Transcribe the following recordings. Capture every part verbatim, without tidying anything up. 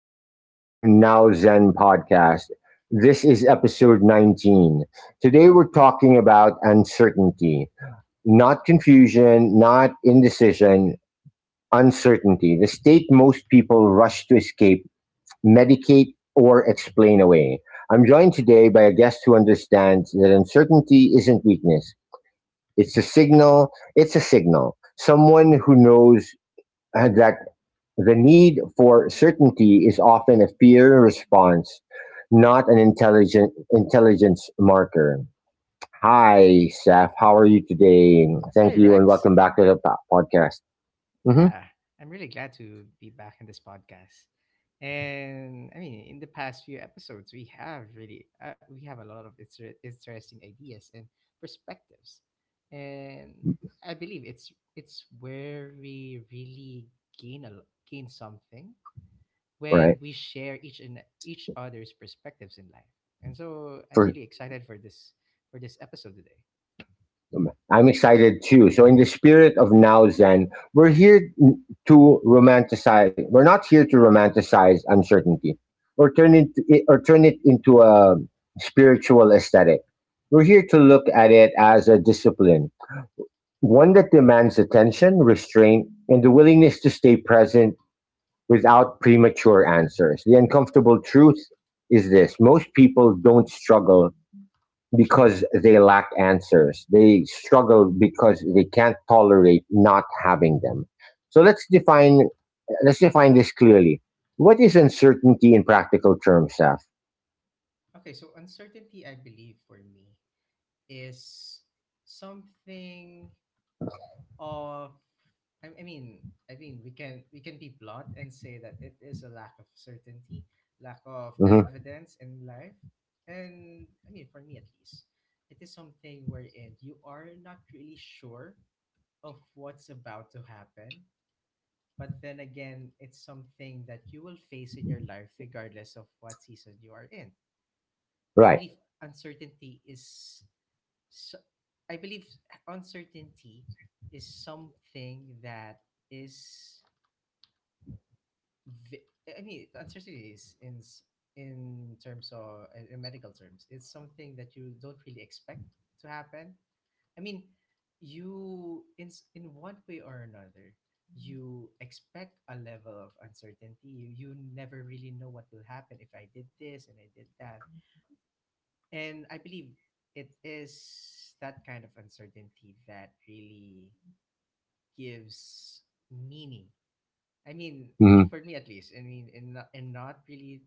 back to Now Zen podcast. This is episode nineteen. Today we're talking about uncertainty, not confusion, not indecision, uncertainty, the state most people rush to escape, medicate, or explain away. I'm joined today by a guest who understands that uncertainty isn't weakness. It's a signal. It's a signal. Someone who knows uh, that the need for certainty is often a fear response, not an intelligent intelligence marker. Hi, Seth. How are you today? Thank Hi, you, and Rex. welcome back to the po- podcast. Hmm. Yeah, I'm really glad to be back in this podcast. And I mean, in the past few episodes, we have really uh, we have a lot of inter- interesting ideas and perspectives, and I believe it's it's where we really gain a l- gain something when Right. we share each and each other's perspectives in life. And so I'm For really excited for this for this episode today. I'm excited too. So, in the spirit of now Zen, we're here to romanticize. We're not here to romanticize uncertainty, or turn it or turn it into a spiritual aesthetic. We're here to look at it as a discipline, one that demands attention, restraint, and the willingness to stay present without premature answers. The uncomfortable truth is this: most people don't struggle because they lack answers, they struggle because they can't tolerate not having them. So let's define let's define this clearly. What is uncertainty in practical terms, Seth? Okay, so uncertainty, I believe, for me is something of I, I mean I mean we can we can be blunt and say that it is a lack of certainty, lack of Hmm. evidence in life. And I mean for me at least, it is something wherein you are not really sure of what's about to happen. But then again, it's something that you will face in your life regardless of what season you are in. I Right. believe uncertainty is so I believe uncertainty is something that is ve- I mean uncertainty is in s- in terms of in in medical terms it's something that you don't really expect to happen. I mean you in s- in one way or another you expect a level of uncertainty. You, you never really know what will happen if I did this and I did that, and I believe it is that kind of uncertainty that really gives meaning. I mean, I mean Hmm. for me at least. I mean, and not, and not really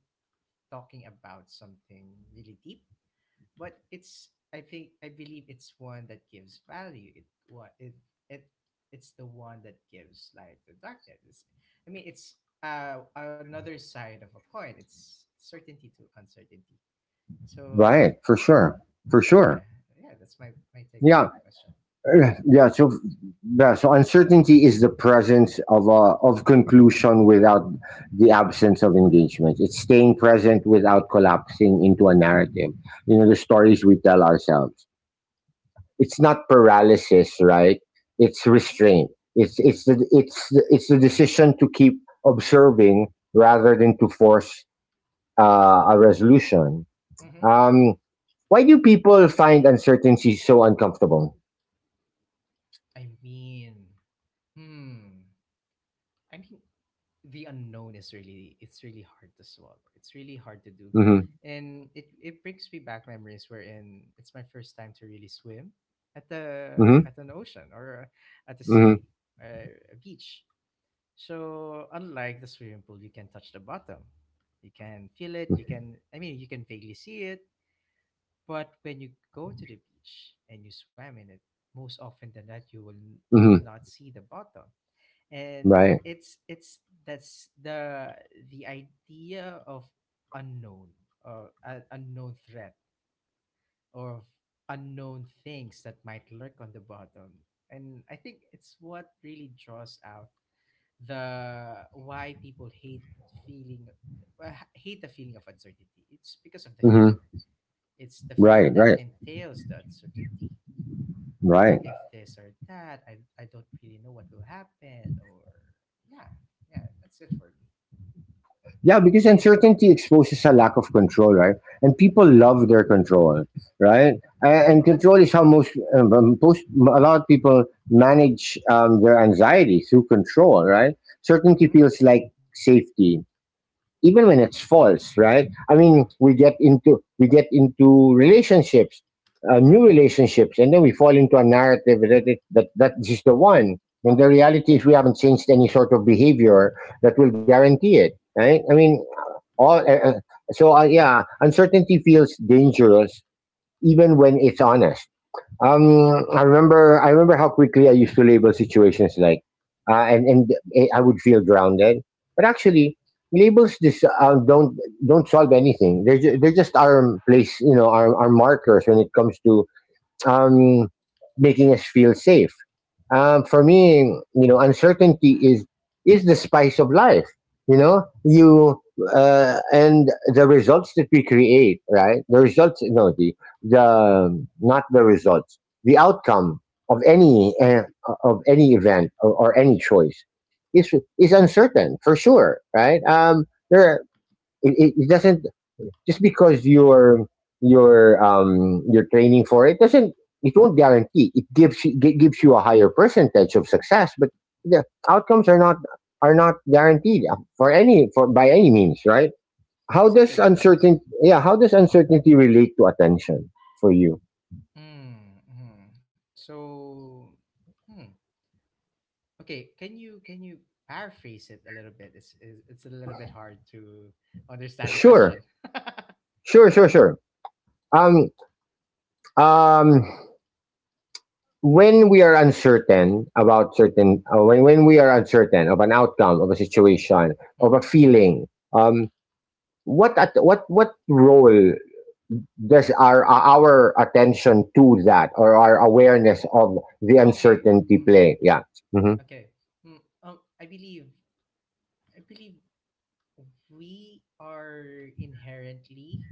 talking about something really deep, but it's I think I believe it's one that gives value. It what it it It's the one that gives light to darkness. It's- I mean, it's uh another side of a coin. It's certainty to uncertainty. So Right. For sure. For So yeah, sure. yeah, that's my my take on Yeah. that question. Uh, yeah so yeah, so uncertainty is the presence of a of conclusion without the absence of engagement. It's staying present without collapsing into a narrative, you know, the stories we tell ourselves. It's not paralysis, right? It's Exactly. restraint. It's it's the it's the, it's the decision to keep observing rather than to force uh, a resolution. Hmm. Um, why do people find uncertainty so uncomfortable? I mean, hmm. I mean, the unknown is really, it's really hard to swallow. It's really hard to do, Hmm. and it it brings me back memories wherein it's my first time to really swim at the at an ocean or at the hmm sea, uh, a beach. So unlike the swimming pool, you can touch the bottom. You can feel it. You can, I mean, you can vaguely see it. But when you go to the beach and you swim in it, most often than not, you will you will hmm not see the bottom. And Right. it's it's that's the the idea of unknown, or a unknown threat, or of unknown things that might lurk on the bottom. And I think it's what really draws out the why people hate feeling, uh, hate the feeling of uncertainty. It's because of the fear, hmm it's the fear Right, that right, entails the uncertainty. What right. if this or that? I, I don't really know what will happen. Or, yeah, yeah, that's it for me. Yeah, because uncertainty exposes a lack of control, right? And people love their control, right? A- Yeah, And control exactly. is how most, um, um, most a lot of people manage um, their anxiety through control, right? Certainty Mm-hmm. feels like safety, even when it's false. Right, I mean, True, we get into we get into relationships, uh, new relationships, and then we fall into a narrative that it, that that is the one, and the reality is we haven't changed any sort of behavior that will guarantee it, right? I mean, all uh, uh, so uh, yeah, uncertainty feels dangerous even when it's honest. true. um i remember I remember how quickly I used to label situations. Like uh, and and eh, I would feel grounded, but actually labels just uh, don't don't solve anything. They ju- they just are place, you know, are are markers when it comes to um, making us feel safe. Um, for me, you know, uncertainty is is the spice of life. You know, you uh, and the results that we create, right? The results, no, the the not the results, The outcome of any uh, of any event, or, or any choice is is uncertain for sure, right? Um, there, it, it it doesn't, just because you're you're um you're training for it doesn't, it won't guarantee it. Gives you gi- gives you a higher percentage of success, but the outcomes are not are not guaranteed uh, for any for by any means, right? how does Exactly. uncertainty Yeah, how does uncertainty relate to attention for you? Mm-hmm. So, hmm. Okay, can you can you paraphrase it a little bit? It's, it's, it's a little bit hard to understand the Sure. question. Sure, sure, sure. um um when we are uncertain about certain uh, when when we are uncertain of an outcome, of a situation, of a Mm-hmm. feeling, um, what at, what what role does our our attention to that, or our awareness of the Okay. uncertainty Mm-hmm. play? Yeah. Hmm. Okay. Mm, oh, I believe, I believe we are inherently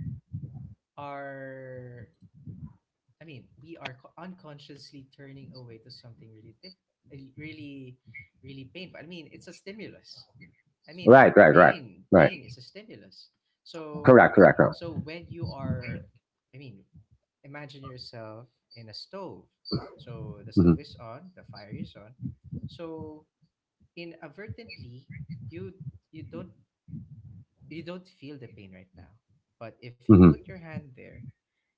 are I mean we are co- unconsciously turning away to something really diff- really really painful. I mean it's a stimulus. I mean Right. Right. Right. pain Right. pain is a stimulus. so Correct. Correct. Correct. so when you are, I mean, imagine yourself in a stove. So the Hmm. stove is on, the fire is on. So inadvertently you you don't you don't feel the pain right now, but if you put Hmm. your hand there,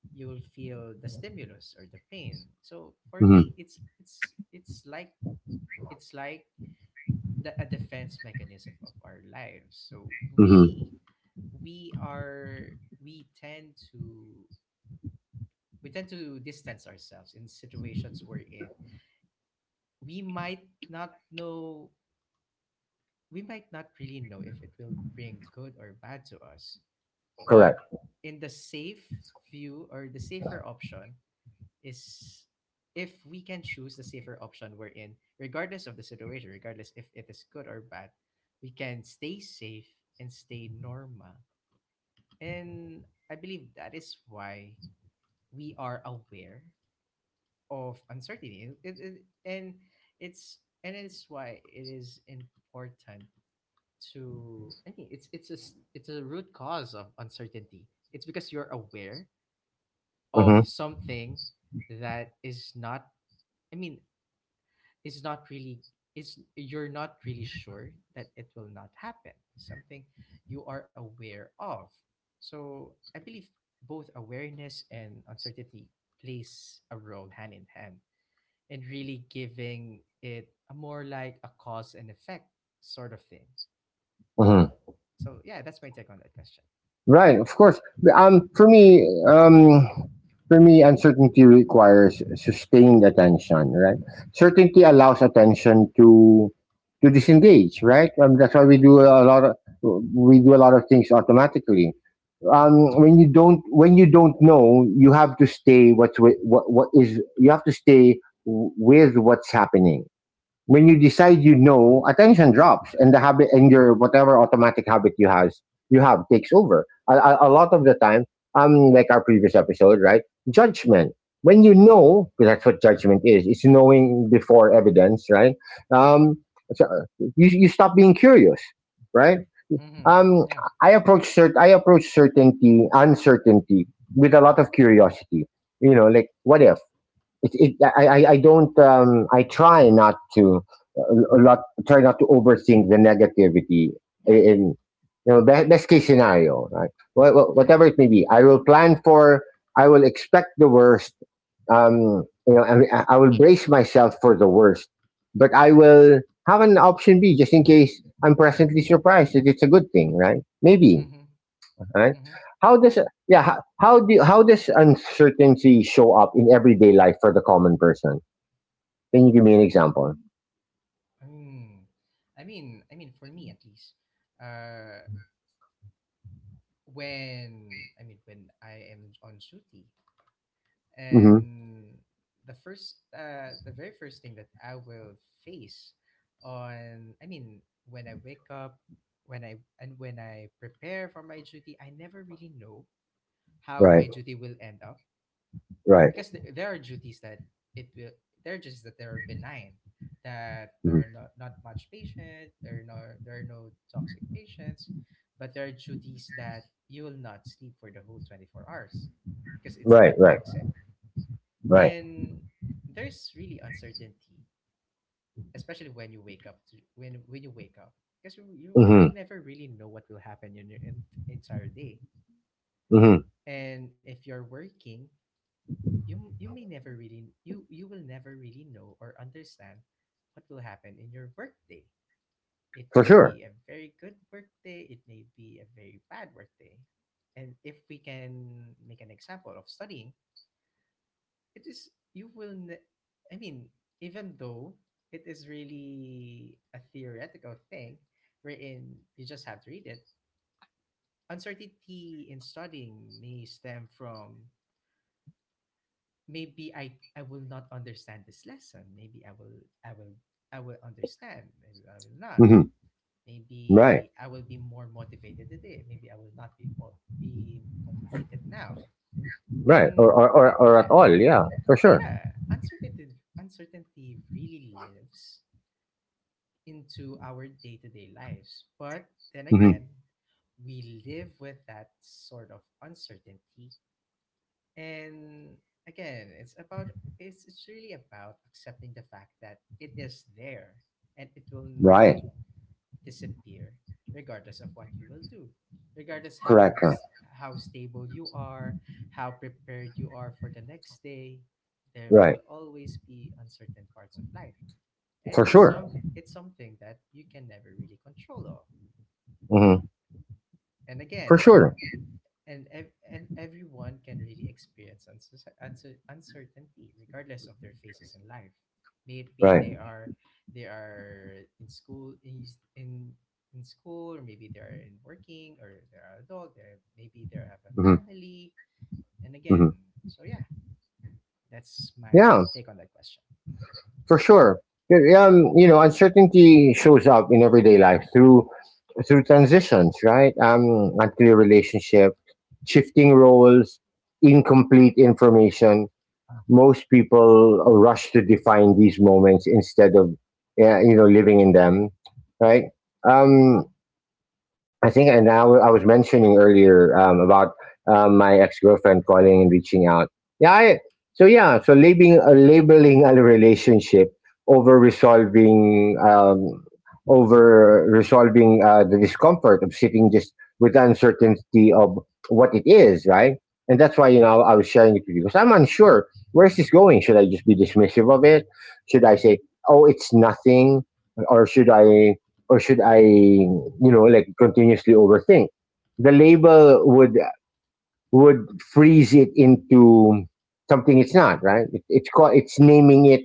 you will feel the stimulus or the pain. So for me, Hmm. it's it's it's like, it's like the, a defense mechanism of our lives. So we Hmm. we are we tend to, we tend to distance ourselves in situations we're in. We might not know, we might not really know if it will bring good or bad to us. But Correct. in the safe view, or the safer option, is if we can choose the safer option we're in, regardless of the situation, regardless if it is good or bad, we can stay safe and stay normal. And I believe that is why we are aware of uncertainty. And It, it, and it's, and it's why it is important to, I mean, it's it's a s- it's a root cause of uncertainty. It's because you're aware of Hmm. something that is not, I mean, it's not really, it's, you're not really sure that it will not happen, something you are aware of. So I believe both awareness and uncertainty plays a role hand in hand, and really giving it a more like a cause and effect sort of thing. Hmm. So yeah, that's my take on that question. Right, of course. Um, for me, um, for me, uncertainty requires sustained attention. Right, certainty allows attention to to disengage. Right, um, that's why we do Mm-hmm. a lot of we do a lot of things automatically. Mm-hmm. Um, when you don't, when you don't know, you have to stay what's wi- what what is you have to stay w- with what's happening. When you decide, you know, attention drops, and the habit, and your whatever automatic habit you has you have takes over. A, a, a lot of the time, um, like our previous episode, right? Judgment. When you know, because that's what judgment is. It's knowing before evidence, right? Mm-hmm. Um, so you you stop being curious, right? Mm-hmm. Um, Yeah. I approach cert- I approach certainty, uncertainty with a lot of curiosity. You know, like what if? it, it I, I don't, um, I try not to uh, a lot try not to overthink the negativity Yeah. in, you know, best, best case scenario, right? Wha- wha- yeah. Whatever it may be, I will plan for, I will expect the worst. Um, you know, I, I will brace myself for the worst, but I will have an option B, just in case I'm presently surprised that it's a good thing, right? Maybe, Mm-hmm. right? Mm-hmm. How does Yeah, how, how do how does uncertainty show up in everyday life for the common person? Can you give me an example? Mm. I mean, I mean, for me at least, uh, when, I mean, when I am on duty, Hmm. and the first, uh, the very first thing that I will face, on I mean when I wake up, when I and when I prepare for my duty, I never really know how Right, my duty will end up, right. because th- there are duties that it will there are duties that they are benign, that Hmm. there are not, not much patient, there are no, there are no toxic patients, but there are duties that you will not sleep for the whole twenty-four hours because it's Right, that right, toxic. right. And there's really uncertainty, especially when you wake up to, when when you wake up, because you, you you Hmm. never really know what will happen in your en- entire day. Hmm. And if you're working, You you may never really, you you will never really know or understand what will happen in your workday. It For may sure. be a very good workday, it may be a very bad workday. And if we can make an example of studying, it is, you will ne- I mean, even though it is really a theoretical thing wherein you just have to read it, uncertainty in studying may stem from, maybe I I will not understand this lesson. Maybe I will I will I will understand. Maybe I will not. Hmm. Right, Maybe I will be more motivated today. Maybe I will not be mo- be motivated now. right, or, And or or or at yeah, all? Yeah, for sure. yeah, uncertainty uncertainty really lives into our day-to-day lives. But then Hmm. again, we live with that sort of uncertainty. And again, it's about, it's it's really about accepting the fact that it is there and it will not Right, disappear regardless of what you will do. Regardless how correct, correct. s- how stable you are, how prepared you are for the next day, there will Right, always be uncertain parts of life. And for it's sure. some it's something that you can never really control of. Hmm. And For again, sure, and ev- and everyone can really experience uncer- uncer- uncertainty regardless of their phases in life. Maybe right. they are, they are in school is- in in school, or maybe they are in working, or they are adult, they, maybe they have a Hmm. family. And Hmm. again, so yeah, that's Yeah, my take on that question. for sure. Yeah, um, you know, uncertainty shows up in everyday life through through transitions, right? Um, unclear relationship, shifting roles, incomplete information. Most people rush to define these moments instead of, uh, you know, living in them, right? Um, Mm-hmm. I think, and I w- I was mentioning earlier um, about um, my ex girlfriend calling and reaching out. Yeah, I, so yeah, so labeling, uh, labeling a relationship over resolving um, over resolving uh, the discomfort of sitting just with the uncertainty of what it is, right? And that's why, you know, I was sharing it with you, because I'm unsure where's this going. Should I just be dismissive of it? Should I say, "Oh, it's nothing," or should I, or should I? You know, like continuously overthink. The label would would freeze it into something it's not, right? It, it's called, it's naming it,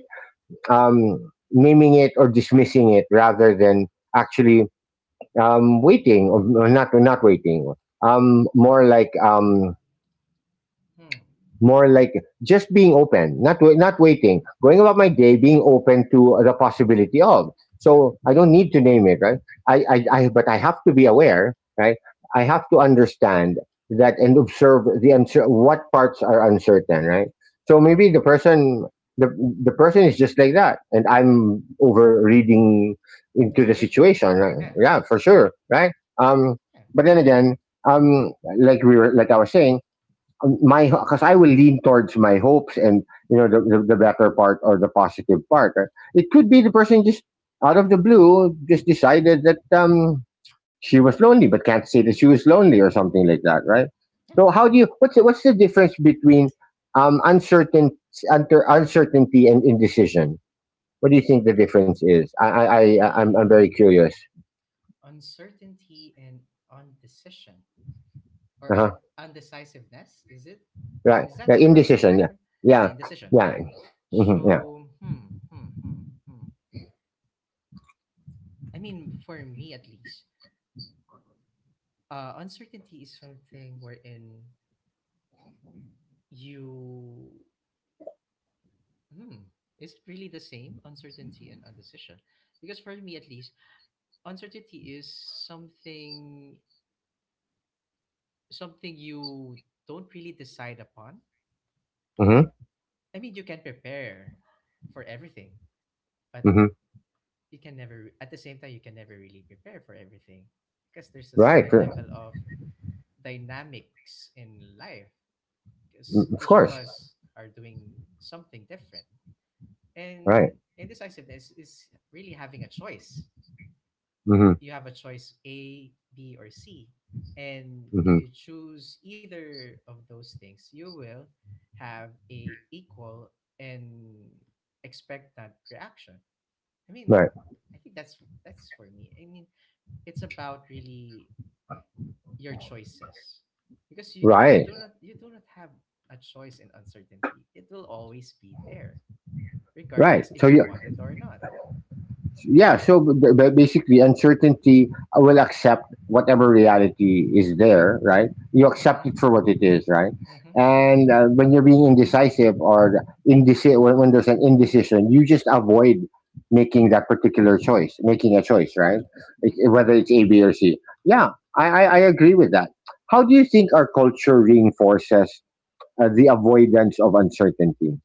um, naming it or dismissing it rather than actually um, waiting, or or not, or not waiting. Um, more like um, Hmm. More like just being open, not wai- not waiting, going about my Yeah. day, being open to the possibility of. Yeah. So I don't need to name it, right? I, I, mm-hmm. I but I have to be aware, right? I have to understand that and observe the uncer- what parts are uncertain, right? So maybe Mm-hmm. the person the the person is just like that, and I'm over reading The into the situation. situation, right? Yeah. Yeah, for sure, right? Um, Yeah. but then again, um, like we were like I was saying um, my, because I will lean towards my hopes and, you know, the, the, the better part, or the positive part, right? It could be the person just out of the blue just decided that, um, she was lonely, but can't say that she was lonely, or something like that, right? Yeah. So how do you what's the, what's the difference between um uncertain unter, uncertainty and indecision? What do you think the difference is? I I, I I'm I'm Hmm. very curious. Uncertainty and undecision, Uh or un- huh. undecisiveness, is it, Right. is that Yeah, the word you're indecision. looking Yeah. for? Uh, Yeah. indecision, Yeah. okay. Hmm, yeah. So hmm, hmm hmm hmm, I mean, for me at least, uh, uncertainty is something wherein you, hmm, is it really the same, uncertainty and undecision? Because for me at least, uncertainty is something something you don't really decide upon. Hmm. I mean, you can prepare for everything, but Hmm. you can never, at the same time you can never really prepare for everything, because there's a Right. certain level of dynamics in life, because Of each of course. us are doing something different. Right. And indecisiveness is really having a choice. Hmm. You have a choice, A, B, or C, and Hmm. if you choose either of those things, you will have a equal and expectant reaction. I mean, Right. I think that's that's for me. I mean, it's about really your choices, because you you Right. do not, you do not have a choice in uncertainty. It will always be there Right. regardless So if you yeah, want it or not. yeah. So b- b- basically, uncertainty uh, will accept whatever reality is there. Right. You accept Mm-hmm, it for what it is. Right. mm-hmm, yeah. And uh, when you're being indecisive, or indeci- when, when there's an indecision, you just avoid making that particular choice, making a choice. Right. It, Mm-hmm, whether yeah. it's A, B, or C. Yeah, I, I I agree with that. How do you think our culture reinforces uh, the avoidance of uncertainty?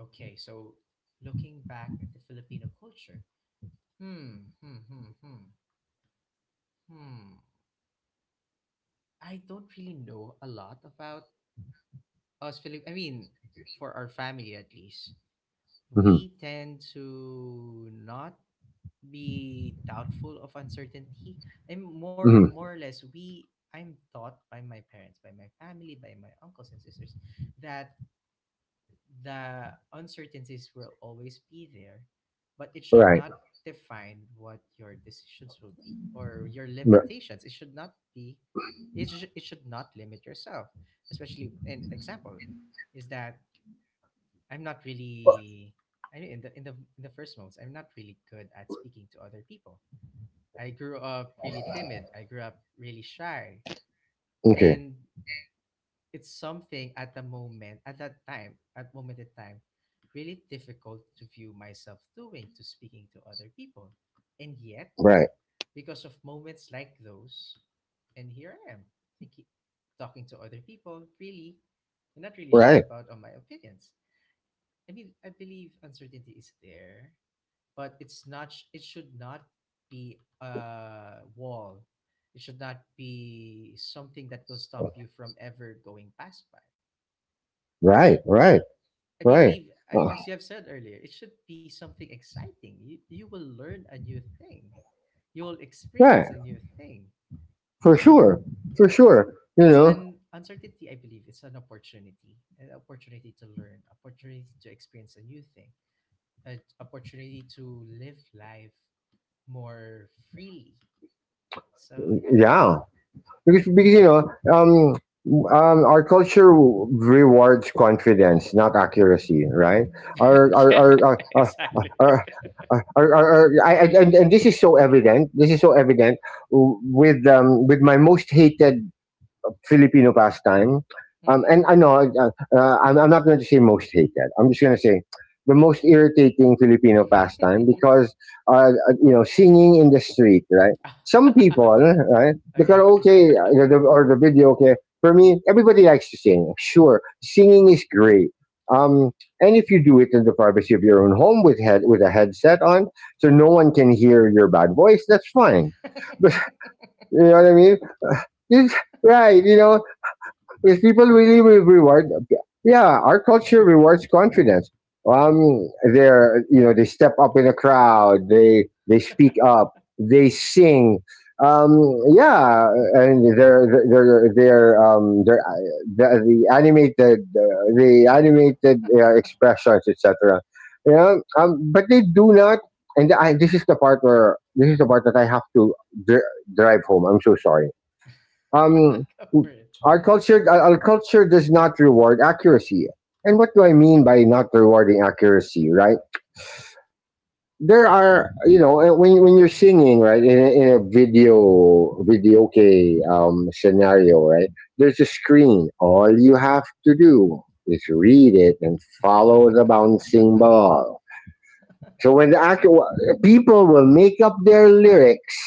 Okay, so looking back at the Filipino culture, hmm, hmm hmm hmm hmm I don't really know a lot about us Filip. I mean, for our family at least, Mm-hmm. we tend to not be doubtful of uncertainty. I'm more, Mm-hmm. more or less, we I'm taught by my parents, by my family, by my uncles and sisters, that the uncertainties will always be there, but it should Right. not define what your decisions will be or your Right. limitations. It should not be, it, sh- it should not limit yourself. Especially an example is that I'm not really, I mean, in the, in the in the first moments, I'm not really good at speaking to other people. I grew up really timid. I grew up really shy. Okay. And it's something at the moment, at that time, at moment in time, really difficult to view myself doing, to speaking to other people. And yet, Right. because of moments like those, and here I am, thinking, talking to other people, really, and not really shy Right. about on my opinions. I mean, I believe uncertainty is there, but it's not sh- it should not be a wall. It should not be something that will stop you from ever going past by. Right. Right. I Right. believe I, Uh, as you have said earlier, it should be something exciting. You, you will learn a new thing. You will experience right. a new thing. For sure. For Yeah, it's sure. You it's know. an uncertainty. I believe it's an opportunity, an opportunity to learn, opportunity to experience a new thing, an opportunity to live life more freely, so yeah. Yeah. Because because you know, um, Um, our culture w- rewards confidence, not accuracy, right? Our, our, Yeah, our, our, our, exactly. our, our, our, our I, I- and, and this is so evident. This is so evident w- with um, with my most hated Filipino pastime. Um, Mhm. and ano, uh, uh, I'm, I'm not going to say most hated. I'm just going to say the most irritating Filipino pastime because, uh, uh, you know, singing in the street, right? Some Oh, people, right? The yeah, yeah. karaoke uh, the, or the video, okay. For me, everybody likes to sing. Sure, singing is great. Um, and if you do it in the privacy of your own home with head with a headset on, so no one can hear your bad voice, that's fine. But you know what I mean? It's- right, you know, if people really re- reward, yeah, our culture rewards confidence. Um, they're, you know, they step up in a crowd, they they speak up, they sing. Um, yeah, and they're they're they're um they're the, the animated, the animated uh, Go expressions, et cetera. Yeah, um, but they do not. And I, this is the part where this is the part that I have to dri drive home. I'm so sorry. um, for it. our culture, our culture does not reward accuracy. And what do I mean by not rewarding accuracy? Right? There are, you know, uh, when when you're singing, right, in a, in a video video okay, um scenario, right? There's a screen. All you have to do is read it and follow the bouncing ball. So when the act, people will make up their lyrics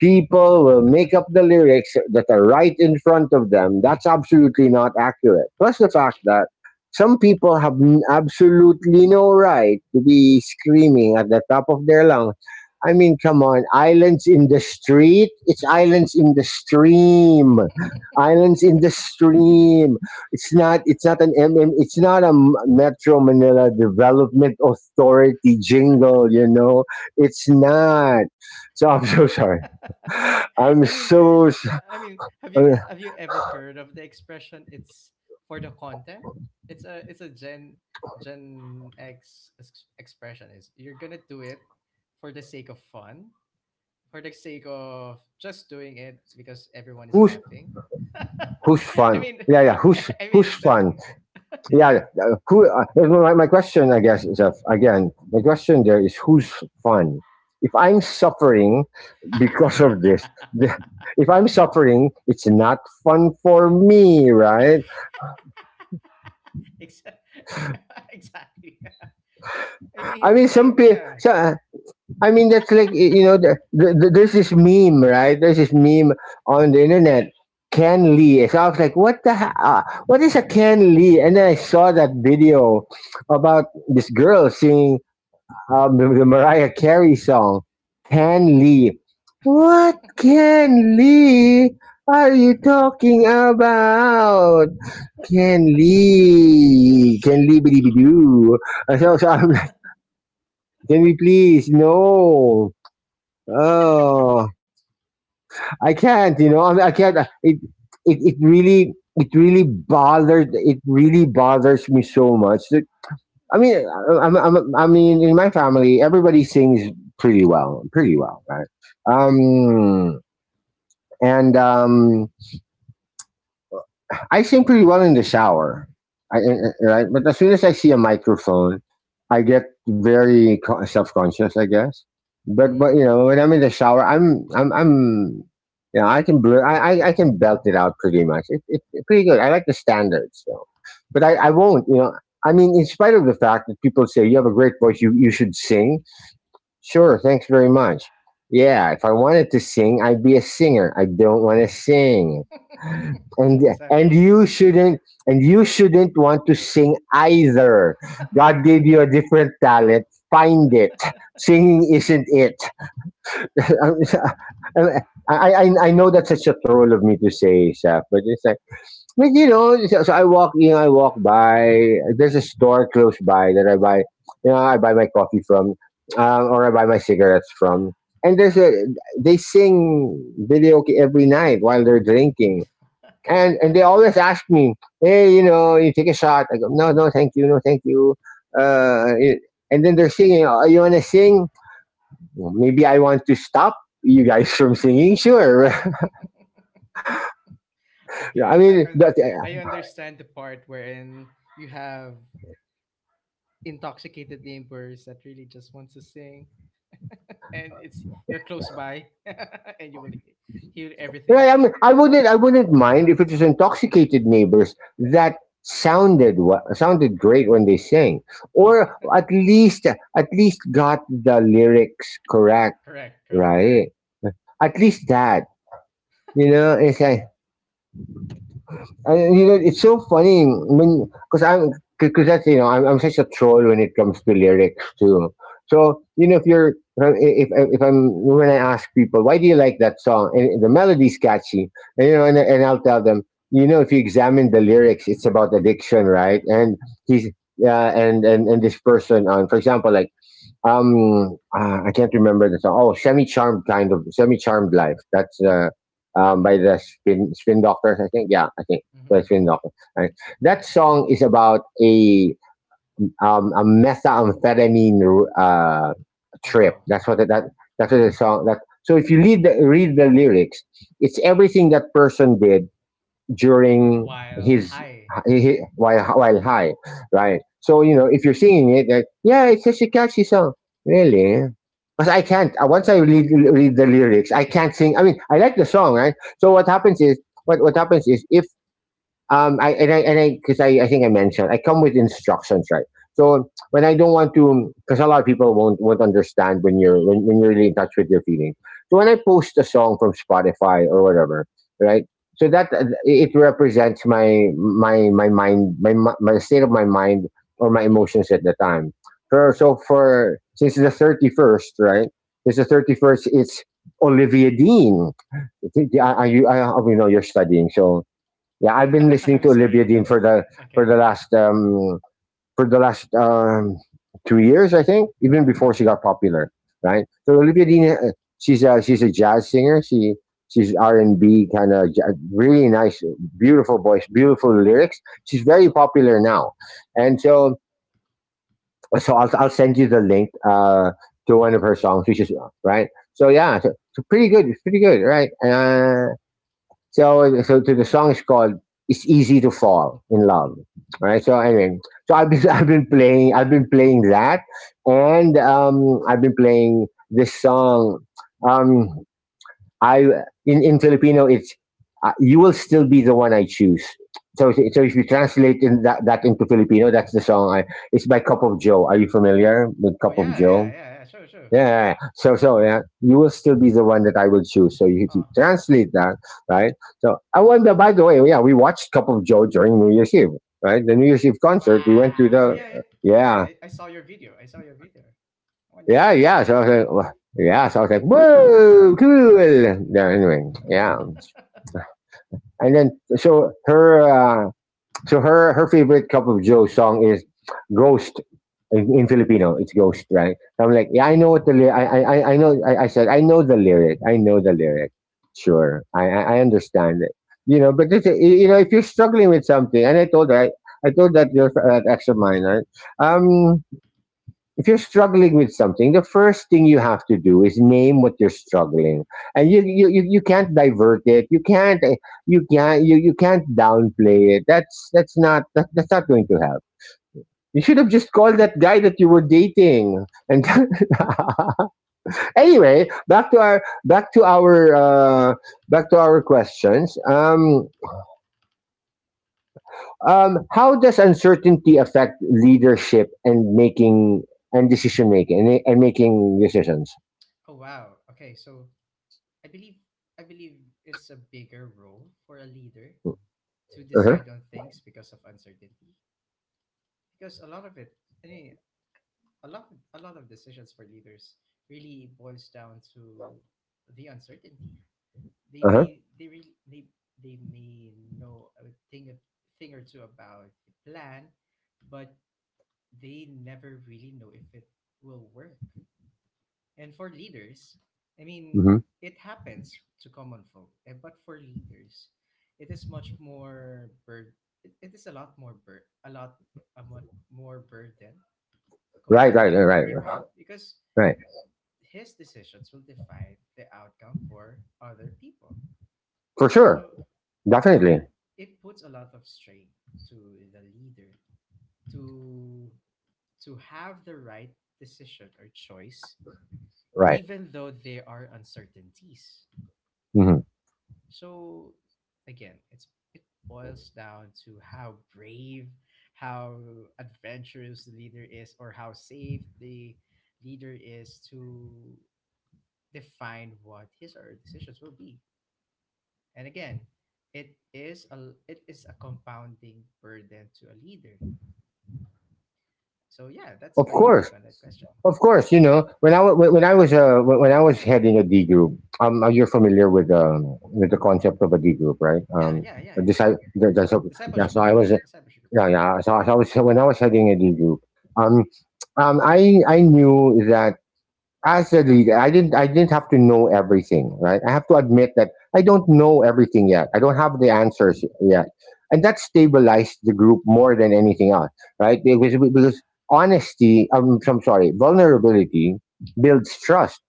People will make up the lyrics that are right in front of them. That's absolutely not accurate. Plus the fact that some people have n- absolutely no right to be screaming at the top of their lungs. I mean, come on, islands in the street? It's islands in the stream. Islands in the stream. It's not, it's not an M M, it's not a M- Metro Manila Development Authority jingle, you know. It's not. So Yeah. I'm so sorry. I I'm mean, so s- I mean, have you uh, have you ever heard of the expression? It's for the content. It's a it's a Gen Gen X ex- expression. Is you're gonna do it for the sake of fun, for the sake of just doing it because everyone is who's laughing. who's I fun? mean, Yeah, yeah. Who's I who's mean that, fun? Yeah. yeah. uh, Who? Uh, my, my question, I guess, is uh, again. My question there is who's fun? If I'm suffering because of this, the, if I'm suffering, it's not fun for me, right? Ex- exactly. I I mean, mean, I some mean, people. yeah. I mean, that's like y- you know, the, the, the, there's this meme, right? There's this meme on the internet. Ken Lee. So I was like, what the? Ha- Uh, what is a Ken Lee? And then I saw that video about this girl singing, um, the, the Mariah Carey song, Ken Lee. What Ken Lee are you talking about? Ken Lee, Ken Lee, biddy doo. So, so I'm like, can we please? No. Oh, I can't. You know, I, mean, I can't. uh, It, it, it really, it really bothered. It really bothers me so much. That, I mean, I, I'm, I'm, I mean, in my family, everybody sings pretty well, pretty well, right? Um, and um, I sing pretty well in the shower. I, I- right, but as soon as I see a microphone, I get very co- self-conscious, I guess. But but Mm, you know, when I'm in yeah, the shower, I'm I'm I'm you know, I can blur, I, I I can belt it out pretty much. It, it, it's pretty good. I like the standards, so. But I I won't, you know. I mean, in spite of the fact that people say you have a great voice, you you should sing. Sure, thanks very much. Yeah, if I wanted to sing, I'd be a singer. I don't want to sing. And and exactly. you shouldn't, and you shouldn't want to sing either. God gave you a different talent. Find it. Singing isn't it. I, I, I know that's such a troll of me to say, Saf, but it's like, but you know, so, so I walk, in, I walk by. There's a store close by that I buy, you know, I buy my coffee from, uh, or I buy my cigarettes from. And there's a, they sing karaoke every night while they're drinking, and and they always ask me, hey, you know, you take a shot. I go, no, no, thank you, no, thank you. Uh, it- and then they're singing. Oh, you want to sing? Well, maybe I want to stop you guys from singing. Sure. I Okay, I, mean, I that- under I understand the part wherein you have intoxicated neighbors that really just wants to sing. And it's you're close by and you will he- hear everything. Right. I mean, I wouldn't. I wouldn't mind if it was intoxicated neighbors that sounded wa- sounded great when they sang, or at least at least got the lyrics correct. Correct, correct, yeah. Right. At least that, you know. It's like, and, you know, it's so funny when, because I'm because that's you know I'm, I'm such a troll when it comes to lyrics too. So you know if you're if if I'm, when I ask people why do you like that song, and the melody's catchy and, you know, and, and I'll tell them, you know, if you examine the lyrics, it's about addiction, right, and he's, yeah, and and and this person on, for example, like, um uh, I can't remember the song. Oh, semi charmed kind of semi charmed life. That's uh um by the Mm. spin spin doctors, I think. Yeah, I think by Hmm. spin doctors. Right. That song is about a um a methamphetamine uh Oh, trip. wow. That's what it, that that's what the song, that so if you read the, read the lyrics, it's everything that person did during While his high. he, while while high, right? So you know, if you're singing it, like, yeah, it's such a catchy song, really. Because I can't. uh, Once I read read the lyrics, I can't sing. I mean, I like the song, right? So what happens is, what what happens is, if um I and I and I because I, I think I mentioned I come with instructions, right? So when I don't want to, because a lot of people won't won't understand when you're when, when you're really in touch with your feelings, so when I post a song from Spotify or whatever, right? So that uh, it represents my my my mind my mi- my state of my mind or my Mm-hmm. emotions at the time. For yeah. So for, since the thirty-first, right? Since the thirty-first, it's Olivia Dean. I, I, I, I, you know, you're studying, so yeah, I've been listening I'm to sorry. Olivia Dean for the for Okay. the last um for the last um two years, I think, even Oh, before wow. she got popular, right? So Olivia Dean, uh, she's a, she's a jazz singer. She she's R Mm-hmm. and B kind of, really nice, beautiful voice, beautiful lyrics. She's very popular now, and so, so I'll I'll send you the link uh to Yeah, one go of for her it. songs, which is, right. So yeah, so, so pretty good, it's pretty good, right? Uh, so, so the song is called "It's Easy to Fall in Love." Right. So anyway, so I've been I've been playing I've been playing that, and um, I've been playing this song. Um, I in in Filipino, it's uh, "You Will Still Be the One I Choose." So, so if you translate in that, that into Filipino, that's the song. I, it's by Cup of Joe. Are you familiar with Oh, Cup of yeah, yeah, Joe? yeah, yeah. Sure, sure. Yeah, yeah, yeah. So so yeah, you will still be the one that I will choose. So if you Oh, translate that, right? So I wonder. By the way, yeah, we watched Cup of Joe during New Year's Eve, right? The New Year's Eve concert. We went to wow. Oh, the, yeah, yeah, yeah. yeah, I, I saw your video, i saw your video when you yeah, sent me. yeah. So I was like, "Wha-, yeah, so I was like, whoa, cool. Yeah, anyway, yeah. And then so her. Uh, So her, her favorite Cup of Joe song is Ghost, in, in Filipino. It's Ghost, right? So I'm like, yeah, I know what Hmm. the lyric. I I I I know. I, I said I know the lyric. I know the lyric. Sure, I I I understand it. You know, but this, you know, if you're struggling with something, and I told her, I, I told that girl, that ex of mine, right? Um, if you're struggling with something, the first thing you have to do is name what you're struggling, and you you, you, you can't divert it. You can't eh, you can't you, you can't downplay it. That's that's not that, that's not going to help. You should have just called that guy that you were dating. And anyway, back to our back to our uh, back to our questions. Um, um, how does uncertainty affect leadership and making and decision making, and, and making decisions? Oh, wow. Okay, so I believe I believe it's a bigger role for a leader to Uh-huh. decide on things because of uncertainty. Because a lot of it, I mean, a lot, a lot of decisions for leaders really boils down to the uncertainty. They Uh-huh. may, they really, they, they may know a thing, a thing or two about the plan, but they never really know if it will work. And for leaders, I mean, Hmm. it happens to common folk, eh, but for leaders, it is much more bur- it it is a lot more bur- a lot a lot more burden Right, comparably right, to other right, people right, because right. his decisions will define the outcome for other people. For sure, So so definitely, it puts a lot of strain to the leader to to have the right decision or choice, right. even though there are uncertainties. Hmm. So again, it's it boils down to how brave, how adventurous the leader is, or how safe the leader is to define what his or her decisions will be. And again, it is a it is a compounding burden to a leader. So yeah, Of that's my course, take on that question. of course. You know, when I wa- when when I was uh when when I was heading a D group, um, uh, you're familiar with um with the concept of a D group, right? Yeah, Um, yeah, yeah, yeah. this I the, the, so, Yeah. Discipleship So I group. was, Discipleship group. yeah, yeah. So, so I was when I was heading a D group, um, um, I I knew that as a leader, i didn't I didn't have to know everything, right? I have to admit that I don't know everything yet, I don't have the answers yet, and that stabilized the group more than anything else, right? because, because honesty, um, I'm sorry, vulnerability builds trust,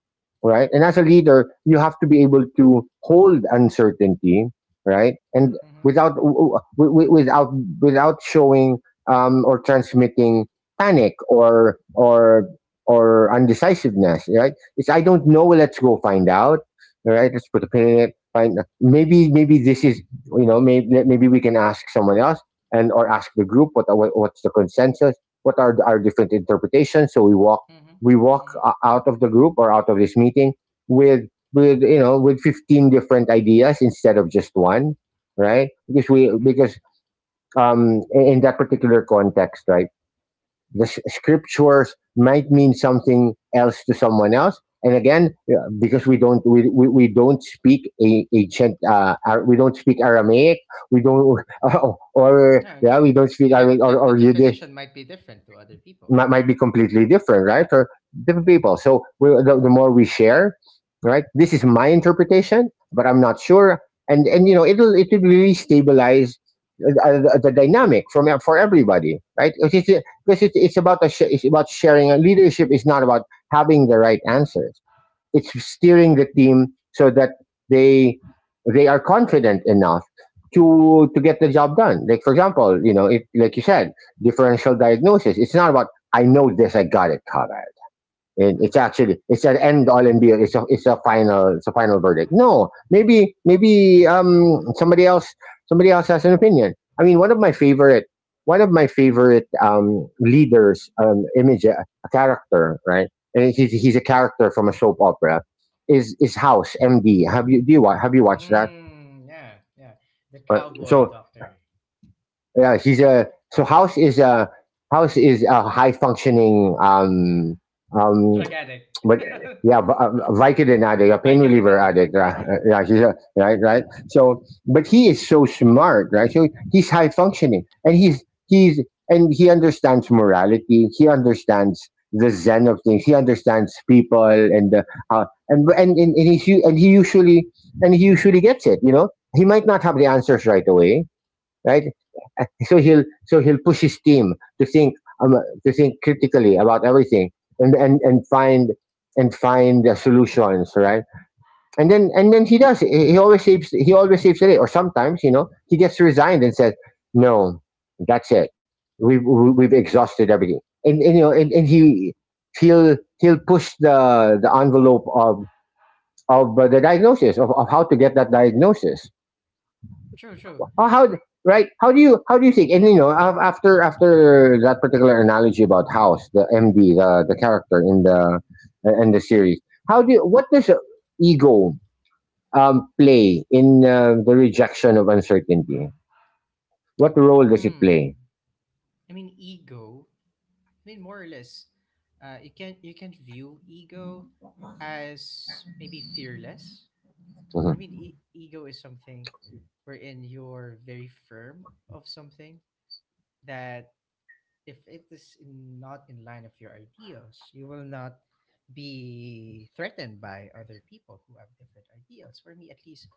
right? And as a leader you have to be able to hold uncertainty, right? And Mm-hmm. without w- w- without without showing um, or transmitting panic or or or undecisiveness, right? It's I don't know. Let's go find out. All right, let's put a pin in it. Find, maybe maybe this is, you know, maybe maybe we can ask someone else, and or ask the group, what, what what's the consensus? What are our different interpretations? So we walk Mm-hmm. we walk Mm-hmm. out of the group or out of this meeting with with you know with fifteen different ideas instead of just one, right? because we Mm-hmm. because um in that particular context, right, the scriptures might mean something else to someone else. And again, yeah, because we don't we, we, we don't speak a, a gent, uh, we don't speak aramaic, we don't or or Yeah, yeah, we exactly. don't Eh, speak aramaic that, or, that the or Yiddish. definition might be different to other people. Might, might be completely different, right? Or different people. So we, the, the more we share, right? This is my interpretation, but I'm not sure. And and you know, it'll it'll really stabilize uh, uh, the dynamic from for everybody, right? Because it's because it's, it's about a sh- it's about sharing. And leadership is not about having the right answers, it's steering the team so that they they are confident enough to to get the job done. Like for example, you know, if like you said, differential diagnosis. It's not about I know this, I got it, Karan. It, it's actually it's an end all and be all. It's a it's a final it's a final verdict. No, maybe maybe um somebody else somebody else has an opinion. I mean, one of my favorite one of my favorite um leaders, um image, uh, a character, right, and he's he's a character from a soap opera. Is is House M D? Have you do you wa- have you watched that? Mm, yeah, yeah. The Right. cowboy So doctor. yeah, he's a so House is a House is a high functioning um um Drug addict, but uh, yeah, v- uh, Vicodin addict, a pain pikehead reliever addict, addict. Uh, uh, painterly yeah, rag he's addict. a, right, right. So, but he is so smart, right? So he's high functioning, and he's he's and he understands morality. He understands the zen of things. He understands people, and the, uh, and and and, and he and he usually and he usually gets it. You know, he might not have the answers right away, right? So he'll so he'll push his team to think, um, to think critically about everything and and and find and find the solutions, right? And then and then he does. He always saves. He always saves the day. Or sometimes, you know, he gets resigned and says, "No, that's it. We've we- have we have exhausted everything." And, and you know, and, and he he'll he'll push the the envelope of of uh, the diagnosis of, of how to get that diagnosis. True, true. Oh, how, right? How do you how do you think? And you know, af- after after that particular analogy about House, the M D, the the character in the in the series, how do you, what does ego, um, play in uh, the rejection of uncertainty? What role does it play? Hmm. I mean, ego. I mean, more or less, uh, you can you can view ego as maybe fearless. I mean, Hmm. e- ego is something wherein you're very firm of something, that if it is in, not in line of your ideas, you will not be threatened by other people who have different ideas. For me, at least,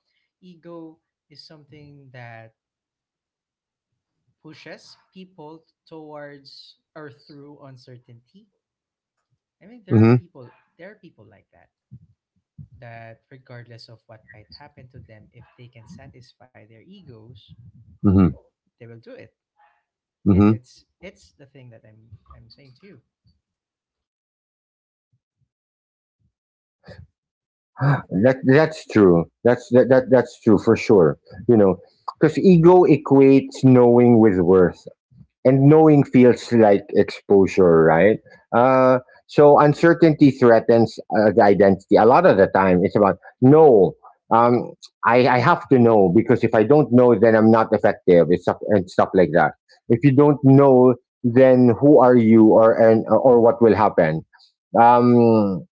ego is something that pushes people towards or through uncertainty. I mean, there are Hmm. people, there are people like that, that regardless of what might happen to them, if they can satisfy their egos, Hmm. they will do it. And Mm-hmm. it's it's the thing that I'm I'm saying to you. That that's true. That's that, that that's true for sure. You know, because ego equates knowing with worth, and knowing feels like exposure, right? Uh, so uncertainty threatens uh, the identity. A lot of the time, it's about no. Um, I, I have to know, because if I don't know, then I'm not effective. It's stuff and stuff like that. If you don't know, then who are you, or and or what will happen? Um,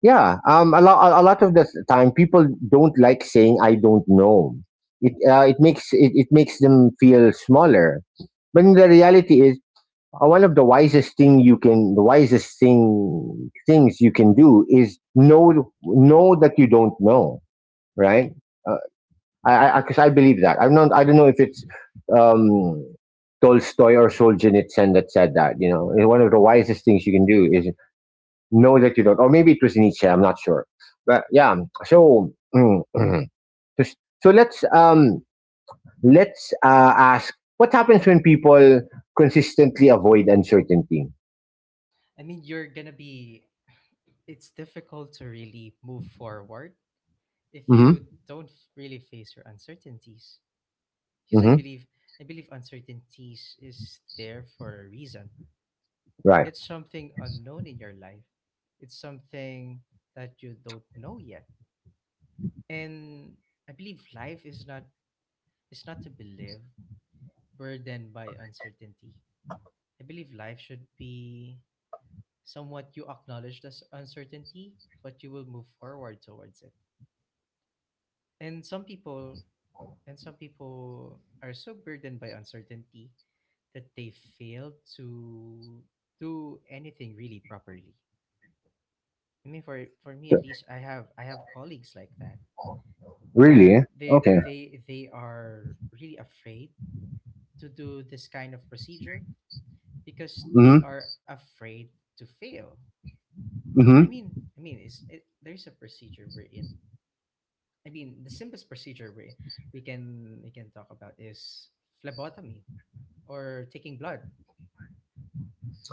yeah, um, a lot a lot of the time, people don't like saying I don't know. It uh, it makes it, it makes them feel smaller. But in the reality is, uh, one of the wisest thing you can the wisest thing things you can do is know know that you don't know, right. Uh, i because I, 'cause I believe that, i'm not i don't know if it's, um tolstoy or solzhenitsyn, that said that, you know. And one of the wisest things you can do is know that you don't, or maybe it was nietzsche, I'm not sure. But yeah. So so let's, um let's uh, ask, what happens when people consistently avoid uncertainty? I mean, you're gonna be it's difficult to really move forward if you don't really face your uncertainties, because I Mm-hmm. believe i believe uncertainties is there for a reason. Right. It's something unknown in your life. It's something that you don't know yet, and I believe life is not is not to be lived burdened by uncertainty. I believe life should be somewhat you acknowledge this uncertainty, but you will move forward towards it. And some people And some people are so burdened by uncertainty that they fail to do anything really properly. I mean, for for me at least, I have I have colleagues like that, Really? that Eh? they Okay. they they are really afraid to do this kind of procedure because they Mm-hmm. are afraid to fail. I Mm-hmm. mean, I mean, is it, there's a procedure we're in. I mean, the simplest procedure we we can we can talk about is phlebotomy, or taking blood.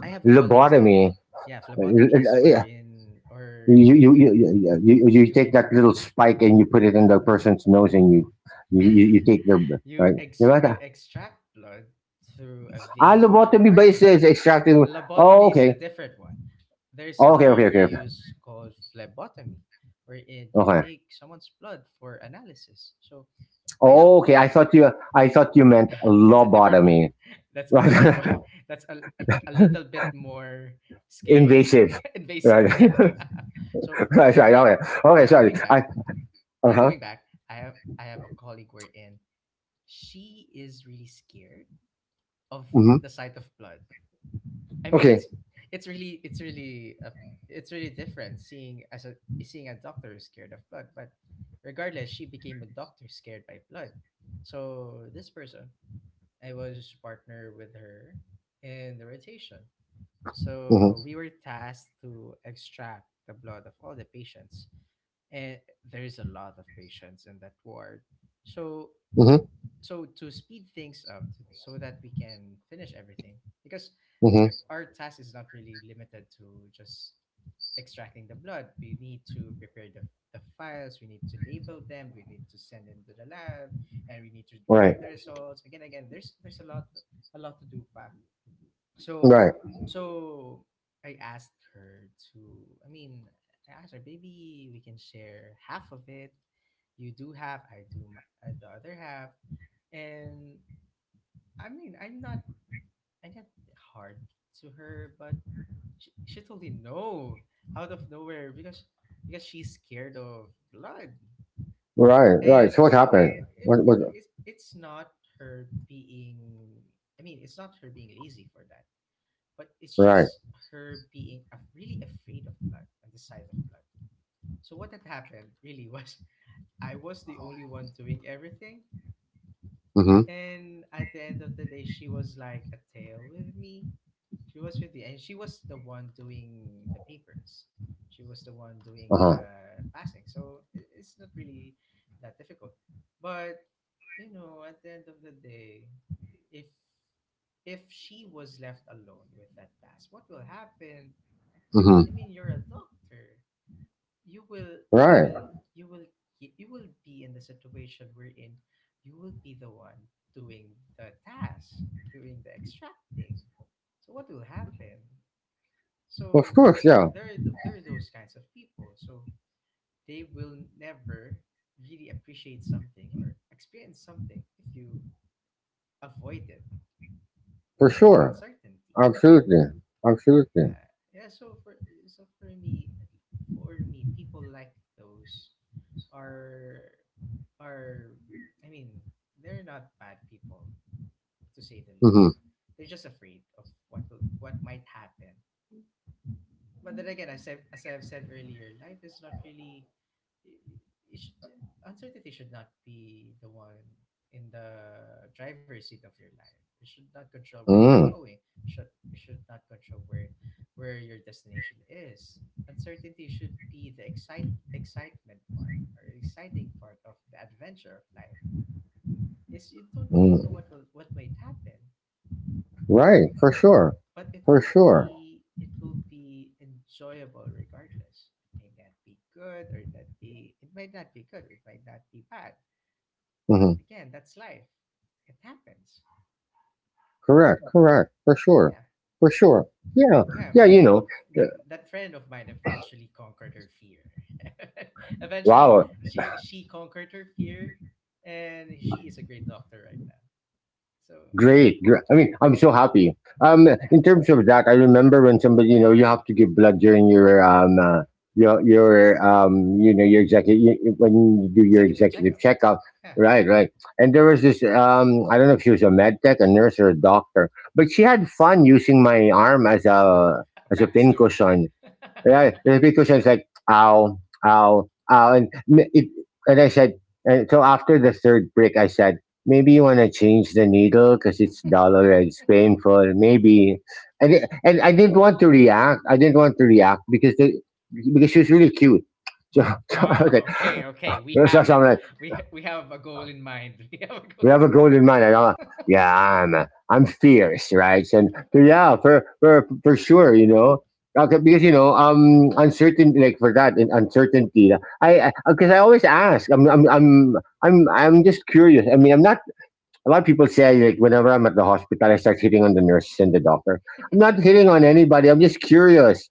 I have colleagues. Lobotomy. Yeah, phlebotomy is Uh, Yeah. wherein or You you you, you you you you you you take that little spike and you put it in the person's nose, and you you, you you take their br- you right. ex you Diba? extract blood through a Ah, vein or an lobotomy ba is, is artery. A extracting? Oh, lobotomy is a okay. different one. There's a Okay, okay, term you okay, okay. use called phlebotomy, wherein you Okay. take someone's blood for analysis. So I have Oh, okay. co- I thought you I thought you meant it's a different one. lobotomy. That's a different Right. one. That's a, a, t- a little bit more scary, Invasive. Right. invasive. Yeah. So right. so Right. yeah, Okay. Okay. yeah. Sorry. Going I. back, Uh yeah, huh. going back. I have I have a colleague wherein she is really scared of Mm-hmm. the sight of blood. I mean, Okay. it's it's really it's really a, it's really different, seeing as a seeing a doctor is scared of blood. But regardless, she became a doctor scared by blood. So this person, I was partner with her in the rotation. So we Mm-hmm. were tasked to extract the blood of all the patients. And there's a lot of patients in that ward. So Mm-hmm. so to speed things up, t- so that we can finish everything, because Mm-hmm. we're, our task is not really limited to just extracting the blood. We need to prepare the, the files, we need to label them, we need to send them to the lab, and we need to Right. retrieve the results. Again again there's there's a lot a lot to do pa. so, Right. so I asked her to, I mean, I asked her, maybe we can share half of it. You do half, I do my, uh, the other half. And I mean, I'm not, I'm not hard to her, but she, she told me no out of nowhere, because, because she's scared of blood. Right. Right. So And what happened? it, What, it, what, it's, it's not her being, I mean, it's not her being lazy for that, but it's right. just her being af- really afraid of blood and the sight of blood. So what had happened really was I was the only one doing everything, Mm-hmm. and at the end of the day, she was like a tail with me. She was with me, and she was the one doing the papers. She was the one doing the Uh-huh. passing. So i- it's not really that difficult. But you know, at the end of the day, if if she was left alone with that task, what will happen? I Mm-hmm. mean, you're a doctor. You will, you Right. will, you will, you will be in the situation we're in. You will be the one doing the task, doing the extracting. So what will happen? Well, of So course. there, Yeah. there, are th- there are those kinds of people. So they will never really appreciate something or experience something if you avoid it, For like sure. uncertainty. Absolutely. Absolutely. Yeah, yeah. So for so for me, for me, people like those are are I mean, they're not bad people, to say the least. Mm-hmm. They're just afraid of what will, what might happen. But then again, as I as I've said earlier, life is not really. It sh- Uncertainty should not be the one in the driver's seat of your life. It should not control where you're Mm. going. Should It should not control where where your destination is. Uncertainty should be the excite excitement part, or exciting part, of the adventure of life. Is you don't really know Mm. what will what might happen, Right. For sure. but it For will sure. be it will be enjoyable regardless. It may not be good, or it not be it might not be good, it might not be bad. Mm-hmm. But again, that's life. It happens. Correct. Correct. For So sure. yeah. For sure. Yeah. Yeah. Yeah. I You know. mean, uh, that that friend of mine eventually conquered her fear. Eventually Wow. she she conquered her fear, and she is a great doctor right now. So yeah, Great. gr- I mean, I'm so yeah, happy. Um, yeah. In terms of that, I remember when somebody, you know, you have to give blood during your um, uh, your your um, you know, your executive, when you do your Executive executive checkup. checkup. Yeah. Right, right. And there was this, um, I don't know if she was a med tech, a nurse, or a doctor, but she had fun using my arm as a as a Practice too. pincushion. Yeah, the big question is like, ow, ow, ow. And, m- it, and I said, and so after the third break, I said, maybe you want to change the needle because it's dull already, it's painful, maybe. And, it- and I didn't want to react. I didn't want to react because the, because she was really cute. So, so I was Ah, like, okay, okay. We so, so I'm haven't. like, We we have a goal in mind. We have a we goal. have a golden mind. And I'm, yeah, I'm uh, I'm fierce, right? And so yeah, for for for sure, you know. Okay, because you know, um, uncertain like for that, in uncertainty. I because I, 'cause I always ask. I'm, I'm, I'm, I'm, I'm just curious. I mean, I'm not. A lot of people say like whenever I'm at the hospital, I start hitting on the nurses and the doctor. I'm not hitting on anybody. I'm just curious.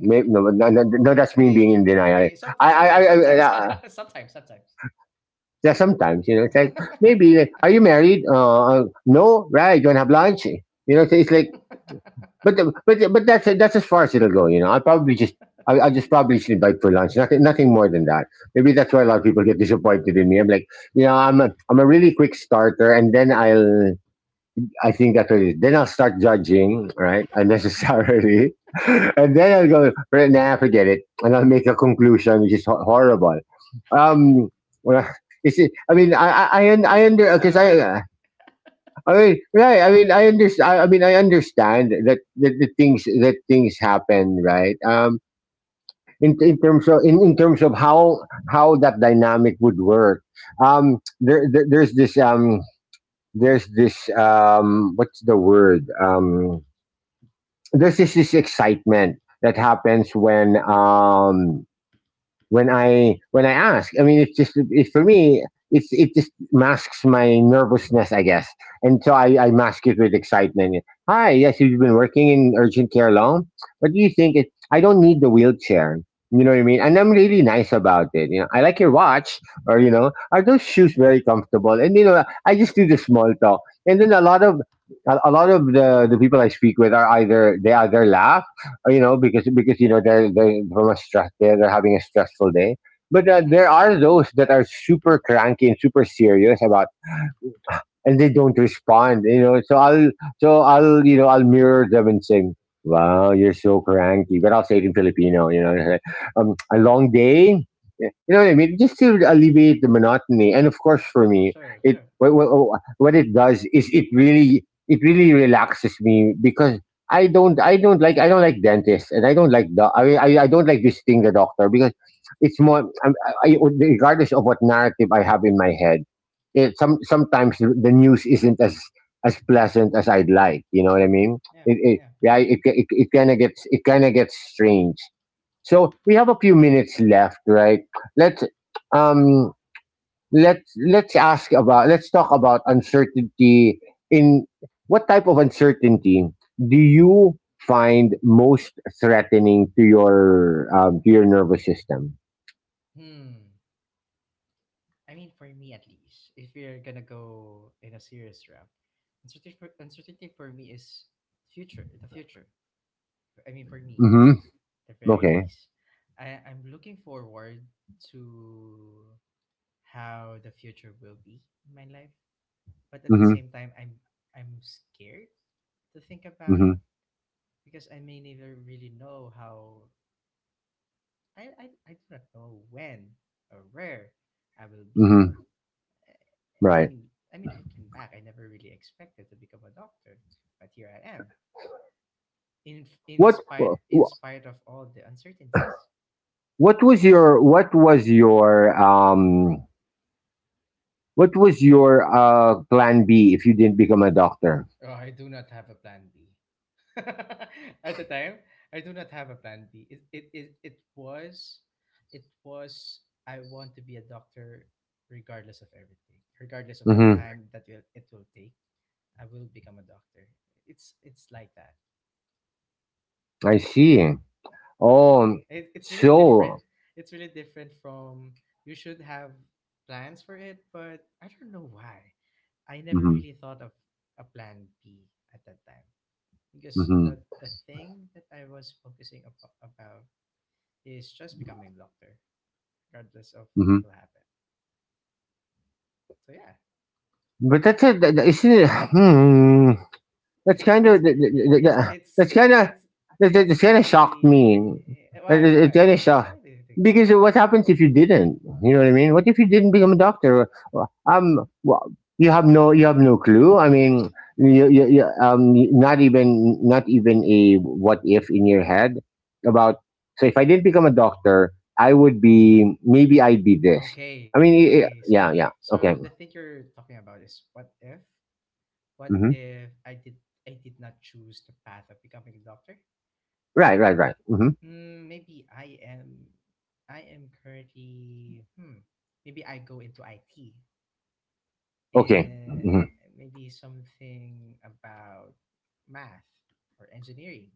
May- No, no, no, no that's me maybe being in denial. maybe some, I, I, sometimes, I, sometimes I, sometimes sometimes. yeah, sometimes, you know, it's like, maybe like, "Are you married?" Uh, uh, "No." "Right, you wanna have lunch?" You know, so it's like, but the- but the- but that's that's as far as it'll go. You know, I'll probably just, I'll, I'll just probably just invite for lunch. Nothing nothing more than that. Maybe that's why a lot of people get disappointed in me. I'm like, you know, I'm a I'm a really quick starter, and then I'll, I think that's what it is. Then I'll start judging, right, unnecessarily, and then I'll go, "Right, nah, forget it," and I'll make a conclusion which is ho- horrible. Um, well, you see, I mean, I, I, I, un- I mean, it's, I a- under, it's not because a I, bad thing. uh, I mean, right, I mean, I understand. I, I mean, I understand that that the things that things happen, right? Um, in, in terms of in, in terms of how how that dynamic would work. Um, there, there there's this um there's this um what's the word, um this is this excitement that happens when, um, when I when I ask. I mean, it's just it's for me. It's it just masks my nervousness, I guess, and so I, I mask it with excitement. Hi, yes, you've been working in urgent care long. What do you think? It, I don't need the wheelchair. You know what I mean? And I'm really nice about it. You know, I like your watch, or you know, are those shoes very comfortable? And you know, I just do the small talk, and then a lot of, a, a lot of the the people I speak with are either they either laugh, uh, you know, because because you know they're they're from a stress, they're, they're having a stressful day. But uh, there Mm-hmm. are those that are super cranky and super serious about, and they don't respond. You know, so I'll so I'll you know I'll mirror them and say, wow, you're so cranky, but I'll say it in Filipino. You know, um, a long day. You know what I mean? Just to alleviate the monotony, and of course for me, Sure, it sure. what, what, what it does is it really it really relaxes me because I don't I don't like I don't like dentists and I don't like doc- I, mean, I I don't like visiting the doctor because it's more I'm- I, I regardless of what narrative I have in my head, it some sometimes the news isn't as as pleasant as I'd like. You know what I Mm-hmm. mean? Yeah, It, it yeah. yeah, it it, it kind of gets it kind of gets strange. So we have a few minutes left, right? Let's um let's let's ask about, let's talk about uncertainty. In what type of uncertainty do you find most threatening to your, um, to your nervous system? Hmm. I mean, for me at least, if we're gonna go in a serious route, uncertainty for, uncertainty for me is future. The future. I mean, for me, Mm-hmm. the very Okay. least. I, I'm looking forward to how the future will be in my life. But at the Mm-hmm. same time, I'm I'm scared to think about Mm-hmm. it, because I may never really know how I, I, I do not know when or where I will be. Mm-hmm. I, I Right. mean I mean looking back, I never really expected to become a doctor, but here I am. In in What? spite in spite of all the uncertainties. What was your what was your um what was your uh plan B if you didn't become a doctor? Oh, I do not have a plan B. At the time, I do not have a plan B. It it it, it was it was I want to be a doctor regardless of everything. Regardless of the Mm-hmm. time that will it will take, I will become a doctor. It's it's like that. I see. Oh, It, it's really different. so. It's really different from you should have plans for it, but I don't know why. I never Mm-hmm. really thought of a plan B at that time because Mm-hmm. the the thing that I was focusing abo- about is just becoming a doctor, regardless of what Mm-hmm. will happen. So yeah, But that's it. that- that- Isn't it? Hmm. That's kind of it's it's it's that's kind of it's that's it's kind of shocked really me. eh, It, why it, why it kind of why shocked do you think? because what happens if you didn't? You know what I mean? What if you didn't become a doctor? Um, well, you have no you have no clue. I mean, you, you, you, um, not even not even a what if in your head about. So if I didn't become a doctor, I would be maybe I'd be this. I Okay, mean, i i- okay. yeah, So yeah, so okay, the thing you're talking about is what if what hmm, if I did I did not choose the path of becoming a doctor? right, right, right, hmm, Mm, maybe I am I am currently hmm maybe I go into I T, okay, eh, hmm, maybe something about math or engineering,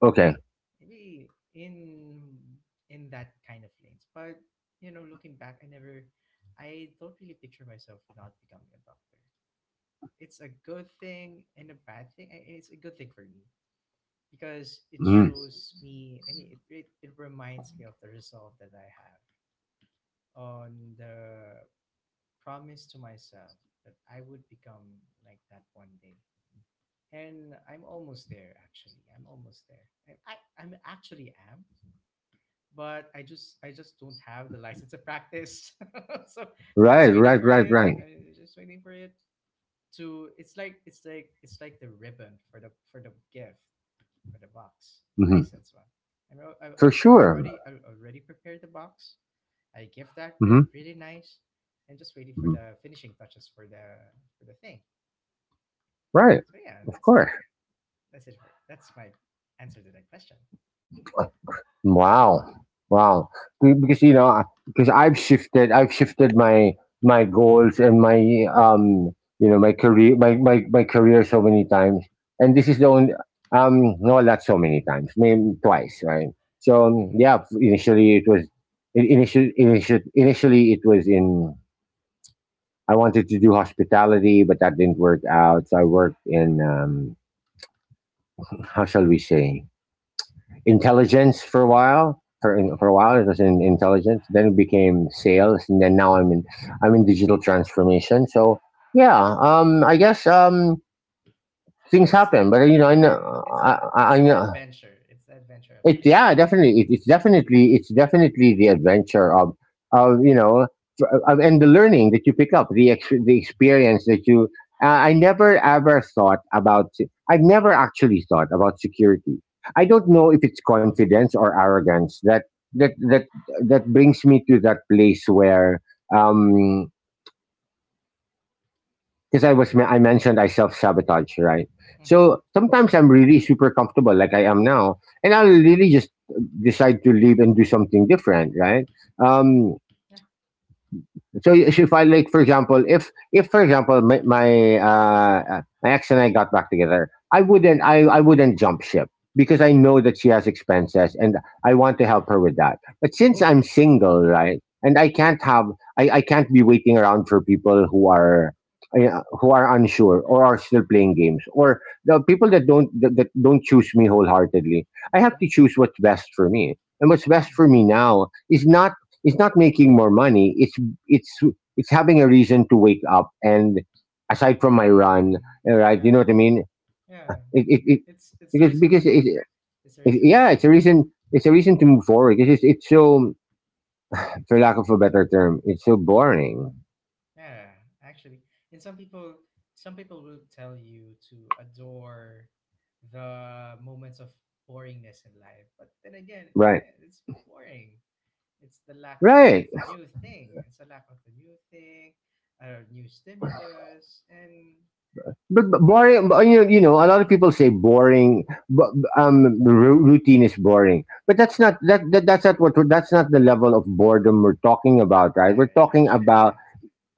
okay, maybe in in that kind of lanes. But you know, looking back, i never I don't really picture myself not becoming a doctor. It's a good thing and a bad thing. I- it's a good thing for me because it mhm. shows me, i mean it, it, it reminds me of the resolve that I have on the promise to myself that I would become like that one day. And I'm almost there actually. I'm almost there. I, I I am actually am, but I just I just don't have the license to practice. So so I'm Right, just waiting right, for right, it. right, I'm just waiting for it to. It's like it's like it's like the ribbon for the for the gift for the box hmm. license one. I'm al- I I For I sure. already I already prepared the box. I give that re- Hmm. really nice, and just waiting for Hmm. the finishing touches for the for the thing. Right, So yeah, of that's course. that's it. For, that's my answer to that question. Wow, wow. Be- Because you know, because I've shifted, I've shifted my my goals and my um, you know, my career, my my, my career so many times, and this is the only um, no, not so many times, maybe twice, right? So um, Mm-hmm. yeah, initially it was in- initially initially initially it was in. I wanted to do hospitality, but that didn't work out. So I worked in, um, how shall we say, intelligence for a while. For, for Mm-hmm. a while, it was in intelligence. Then it became sales, and then now I'm in I'm in digital transformation. So yeah, um, I guess, um, things It's the happen, but you know, I know Yeah. It's a I, it's I the know. adventure. It's the adventure of It, life. yeah, definitely. It, it's definitely it's definitely the adventure of of you know, f- of, and the learning that you pick up, the ex- the experience that you. Uh, I never ever thought about. se- I've never actually thought about security. I don't know if it's confidence or arrogance that that that that brings me to that place where, um because I was Mm-hmm. I mentioned I self sabotage, right? Mm-hmm. So sometimes I'm really super comfortable, like I am now, and I'll really just decide to leave and do something different, right? Mm-hmm. Um, Yeah. so you should find, like, for example, if if for example my my, uh, uh, my ex and I got back together, I wouldn't I, I wouldn't jump ship because I know that she has expenses and I want to help her with that. But since I'm Mm-hmm. single, right, and I can't have I, I can't be waiting around for people who are uh, who are unsure or are still playing games or the people that don't that, that don't choose me wholeheartedly. I have to Mm-hmm. choose what's best for me, and what's best Mm. for me Yeah. now is not, it's not making more money. It's it's it's having a reason to wake up, and aside from my run, Mm. uh, right, you Yeah. know what I mean, Yeah. it, it, it It's it's the because reason to because it, live. It's the it, reason to yeah, it's live. a reason, it's a reason to move forward. It's just, it's so, for lack of a better term, it's so boring. Yeah. Actually, and some people some people will tell you to adore the moments of boringness in life. But then again, Right, again, it's boring. It's the lack of right. new thing. It's a lack of the new thing, uh, new stimulus, and But, but it. boring but, you, know, you know, a lot of people say boring, but um ru- routine is boring, but that's not, that, that that's not what we're- that's not the level of boredom we're talking about. Right, Yeah, we're talking actually, about, yeah.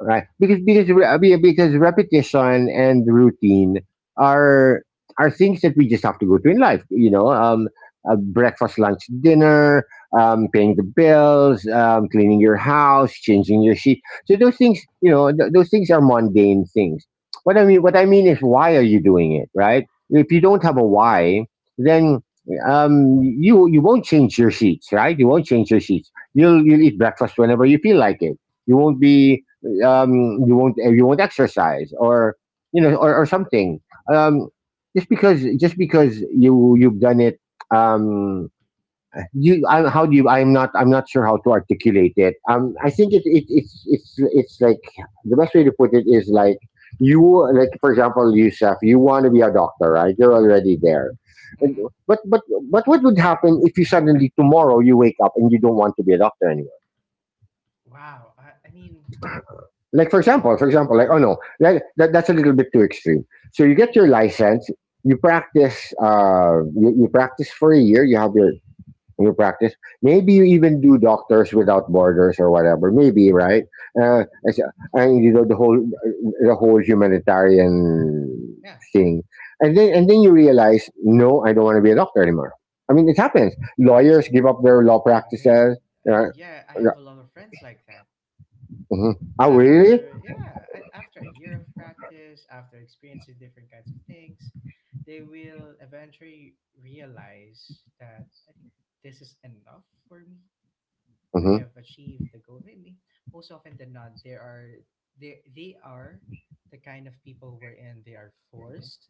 right, because because re- I mean, because repetition and routine are are things that we just have to go through in life, you know. um uh, breakfast, lunch, dinner, um paying the bills, um cleaning your house, changing your sheet. So those things, you know, th- those things are mundane things. What i mean what I mean is, why are you doing it, right? If you don't have a why, then, um you, you won't change your sheets, right? You won't change your sheets, you'll you'll eat breakfast whenever you feel like it, you won't be, um, you won't, eh, you won't exercise or, you know, or, or something. Um, just because just because you, you've done it. Um, you I, how do you? I'm not I'm not sure how to articulate it. Um, I think it, it it's it's it's like, the best way to put it is like, you like for example, Yusuf, you want to be a doctor, right? You're already there. And, Hmm. but but but what would happen if you suddenly tomorrow you wake up and you don't want to be a doctor anymore? Wow. I, I mean, Like for example, for example, like oh no, that, that that's a little bit too extreme. So you get your license, you practice, uh, you, you practice for a year, you have your your practice. Maybe you even do Doctors Without Borders or whatever. Maybe right, uh, hmm, it's, and you know the whole, the whole humanitarian yeah, yeah. thing, and then, and then you realize, no, I don't want to be a doctor anymore. I mean, it happens. Lawyers give up their law Um, I practices. mean, I Uh, mean, yeah. I uh, have a lot of friends like that. mhm. Oh really? After, yeah, I, after a year of practice, after experiencing different kinds of things, they will eventually realize that I think this is enough for me. I Hmm. have achieved the goal. Maybe most often than not, there are they they are the kind of people wherein they are forced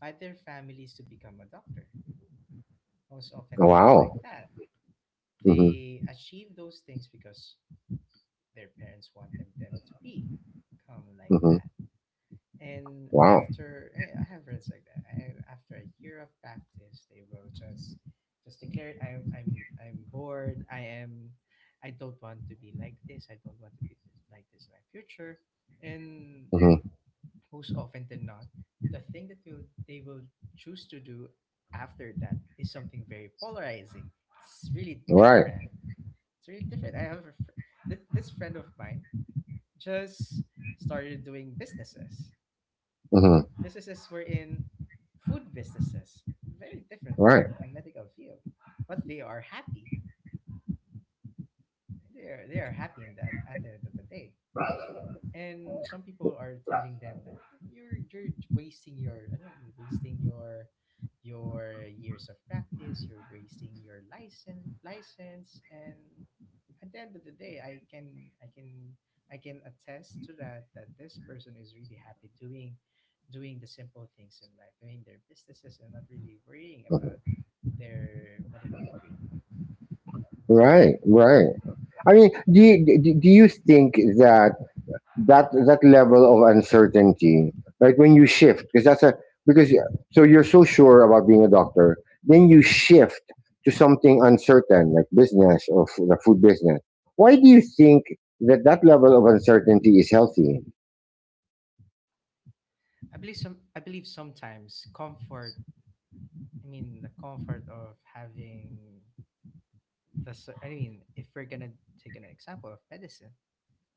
by their families to become a doctor. Most often than not, like Wow. that, Mhm. they achieve those things because their parents want them them to be, come like Mm-hmm. that. And Wow. after eh, I have friends like that, I, after a year of practice, they will just just declare it. I'm I'm I'm bored. I am. I don't want to be like this. I don't want to be this, like this in my future. And Mm-hmm. most often than not, the thing that will they will choose to do after that is something very polarizing. It's really Right. different. It's really different. I have a fr- th- this friend of mine just started doing businesses, Mm-hmm. businesses were in food businesses, very different from Right. a medical field, but they are happy. They are they are happy in that at the end of the day, and some people are telling them, "Ah, you're you're wasting your, I know, you're wasting your your years of practice, you're wasting your license license." And at the end of the day, i can i can I can attest to that, that this person is really happy doing doing the simple things in life, doing their businesses and not really worrying about their medical degree. So yeah, Right. Right. I mean, do you, do do you think that, that that level of uncertainty, right, when you shift, because that's a, because y- so you're so sure about being a doctor, then you shift to something uncertain like business or, f- the food business. Why do you think that that level of uncertainty is healthy? i believe some I believe sometimes comfort, I mean, the comfort of having the. cer- I mean, if we're gonna take an example of medicine,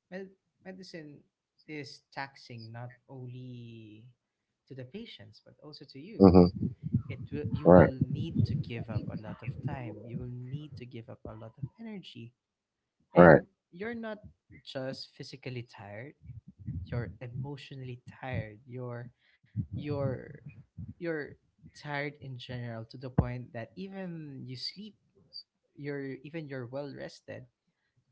med- medicine is taxing not only to the patients but also to you. Mm-hmm. It will. You will Right. need to give up a lot of time. You will need to give up a lot of energy, Right. and you're not just physically tired. You're emotionally tired. You're, you're, you're tired in general to the point that even you sleep, you're, even you're well rested,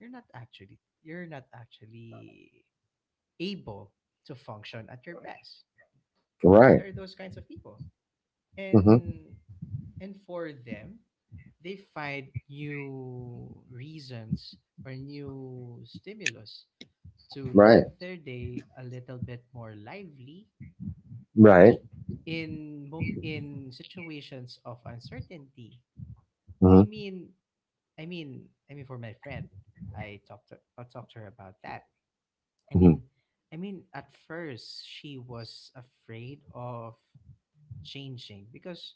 you're not actually you're not actually able to function at your best. Right. There are those kinds of people. Mm-hmm. And and for them, they find new reasons or new stimulus to Right. live their day a little bit more lively, to Right. in mo- in situations of uncertainty. i Mm-hmm. mean I mean, I mean, for my friend, I talked to, I talked to her about that. I Mm-hmm. mean, I mean, at first she was afraid of changing because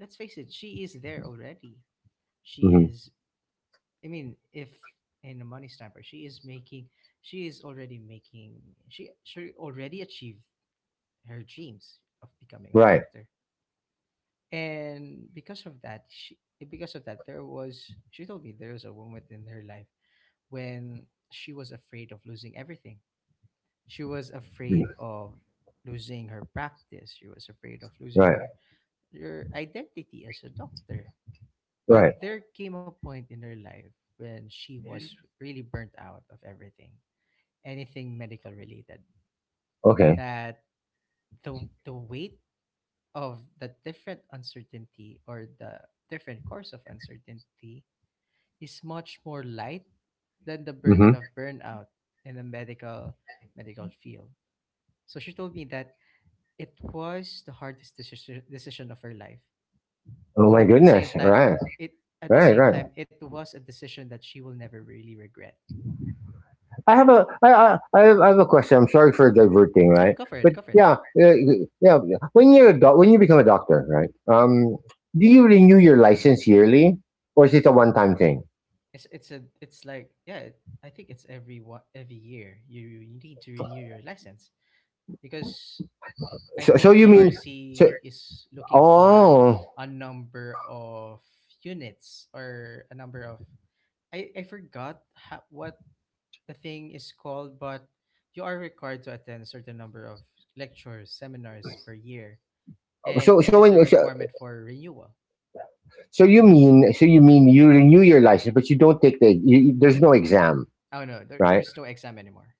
let's face it, she is there already. She Mm-hmm. is. I mean, if in a money stamper, she is making. She is already making. She she already achieved her dreams of becoming a Right. doctor, and because of that, she because of that there was. She told me there was a woman in her life when she was afraid of losing everything. She was afraid Mm. of losing her practice. She was afraid of losing Right. her her identity as a doctor. But Right. there came a point in her life when she was really burnt out of everything, anything medical related. Okay. That the the weight of the different uncertainty or the different course of uncertainty is much more light than the Mm-hmm. burden of burnout in the medical medical field. So she told me that it was the hardest decision decision of her life, Oh my but at the goodness. same time, Right. it at the Right. same Right. time it was a decision that she will never really regret. I have a. I. I. I have, I have a question. I'm sorry for diverting. Oh, Right. go for it, But go for it. yeah. Uh, yeah. When you're a doc, when you become a doctor, right? Um, do you renew your license yearly, or is it a one-time thing? It's it's a it's like yeah, it, I think it's every what every year you, you need to renew your license because I So, so think you mean so? P R C is looking for Oh, a number of units or a number of, I I forgot, ha- what the thing is called, but you are required to attend certain number of lectures, seminars per year, and so it so is a when so, requirement for renewal. so you mean, so you mean you renew your license, but you don't take the. You, you- there's no exam, Oh no, there, right? there's no exam anymore.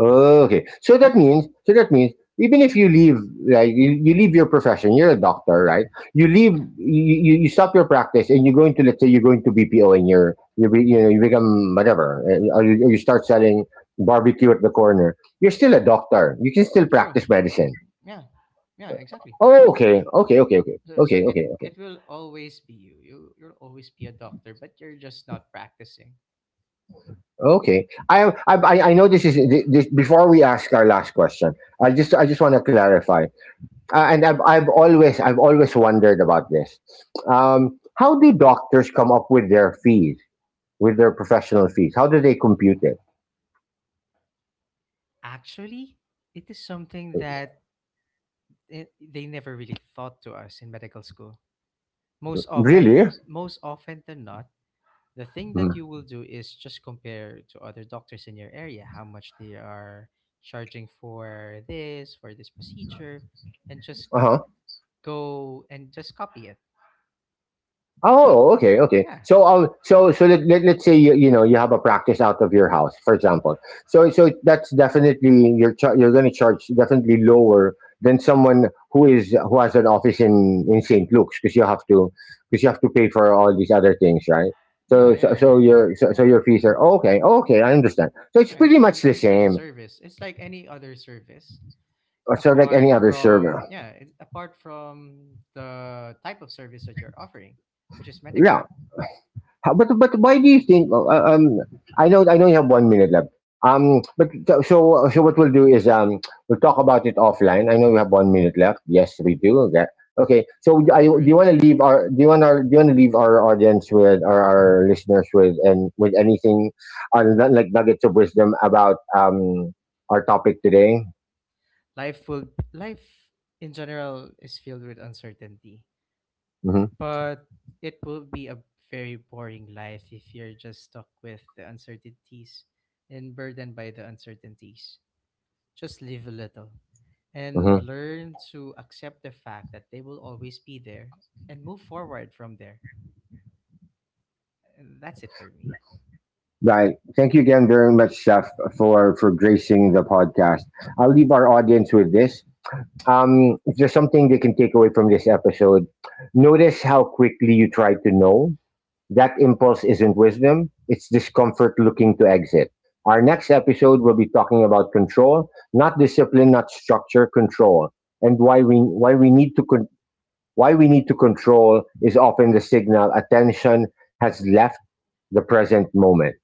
Okay. So that means, so that means even if you leave, like you, you leave your profession, you're a doctor, right? You leave, Yeah, you, you, you stop your practice and you go into, let's say you go into B P O, and you're you be, you know, you become whatever, uh, or you, or you start selling barbecue at the corner. You're still a doctor. You can still true. practice medicine. Yeah, yeah, exactly. Oh, okay, okay, okay, okay, So so okay, it okay, okay. it will always be you. You you'll always be a doctor, but you're just not practicing. Okay, I I I I know this is, this, before we ask our last question. I just I just want to clarify. Uh, and I've, I've always, I've always wondered about this. Um, how do doctors come up with their fees, with their professional fees? How do they compute it? Actually, it is something that I they never really taught to us in medical school. Most often, Really? most often than not, the thing that Uh. you will do is just compare to other doctors in your area, how much they are charging for this, for this procedure, and just Mhm. go and just copy it. Oh, okay, okay. Yeah, So, um, so, so let, let, let's say you, you know, you have a practice out of your house, for example. So, so that's definitely, you're char- you're going to charge definitely lower than someone who is, who has an office in in Saint Luke's, because you have to, because you have to pay for all these other things, right? yeah, So, so, yeah, you- so you- your so, so yeah. your fees are, okay, okay. I understand. So it's Yeah, it's, pretty much it's the it's like a same, service. It's like any other service. uh, so like any Apart other from server. yeah, it, apart from the type of service that you're offering which is medical, Yeah. How, but but why do you think? uh, uh, Um, I know, I know you have one minute left. Um, but so so so what we'll do is, um we'll talk about it offline. I know we have one minute left. Yes, we do. Okay. Okay. So yeah, I, go for do it. you want to leave our, do you want our do you want to leave our audience with, or our listeners with, and with anything other than, like, nuggets of wisdom about, um our topic today? Life will life in general is filled with uncertainty, Hmm. but it will be a very boring life if you're just stuck with the uncertainties and burdened by the uncertainties. Just live a little and Hmm. learn to accept the fact that they will always be there and move forward from there. And that's it for me. Right. Thank you again very much, Chef, for for gracing the podcast. I'll leave our audience with this. Um, if there's something they can take away from this episode, notice how quickly you try to know. That impulse isn't wisdom, it's discomfort looking to exit. Our next episode will be talking about control, not discipline, not structure, control, and why we why we need to, con- why we need to control is often the signal attention has left the present moment.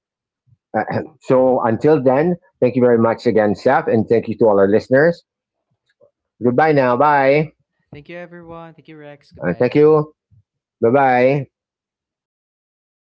So until then, thank you very much again, Seth, and thank you to all our listeners. Goodbye now. Bye. Thank you, everyone. Thank you, Rex. Uh, Goodbye, thank everyone. you. Bye bye. All right.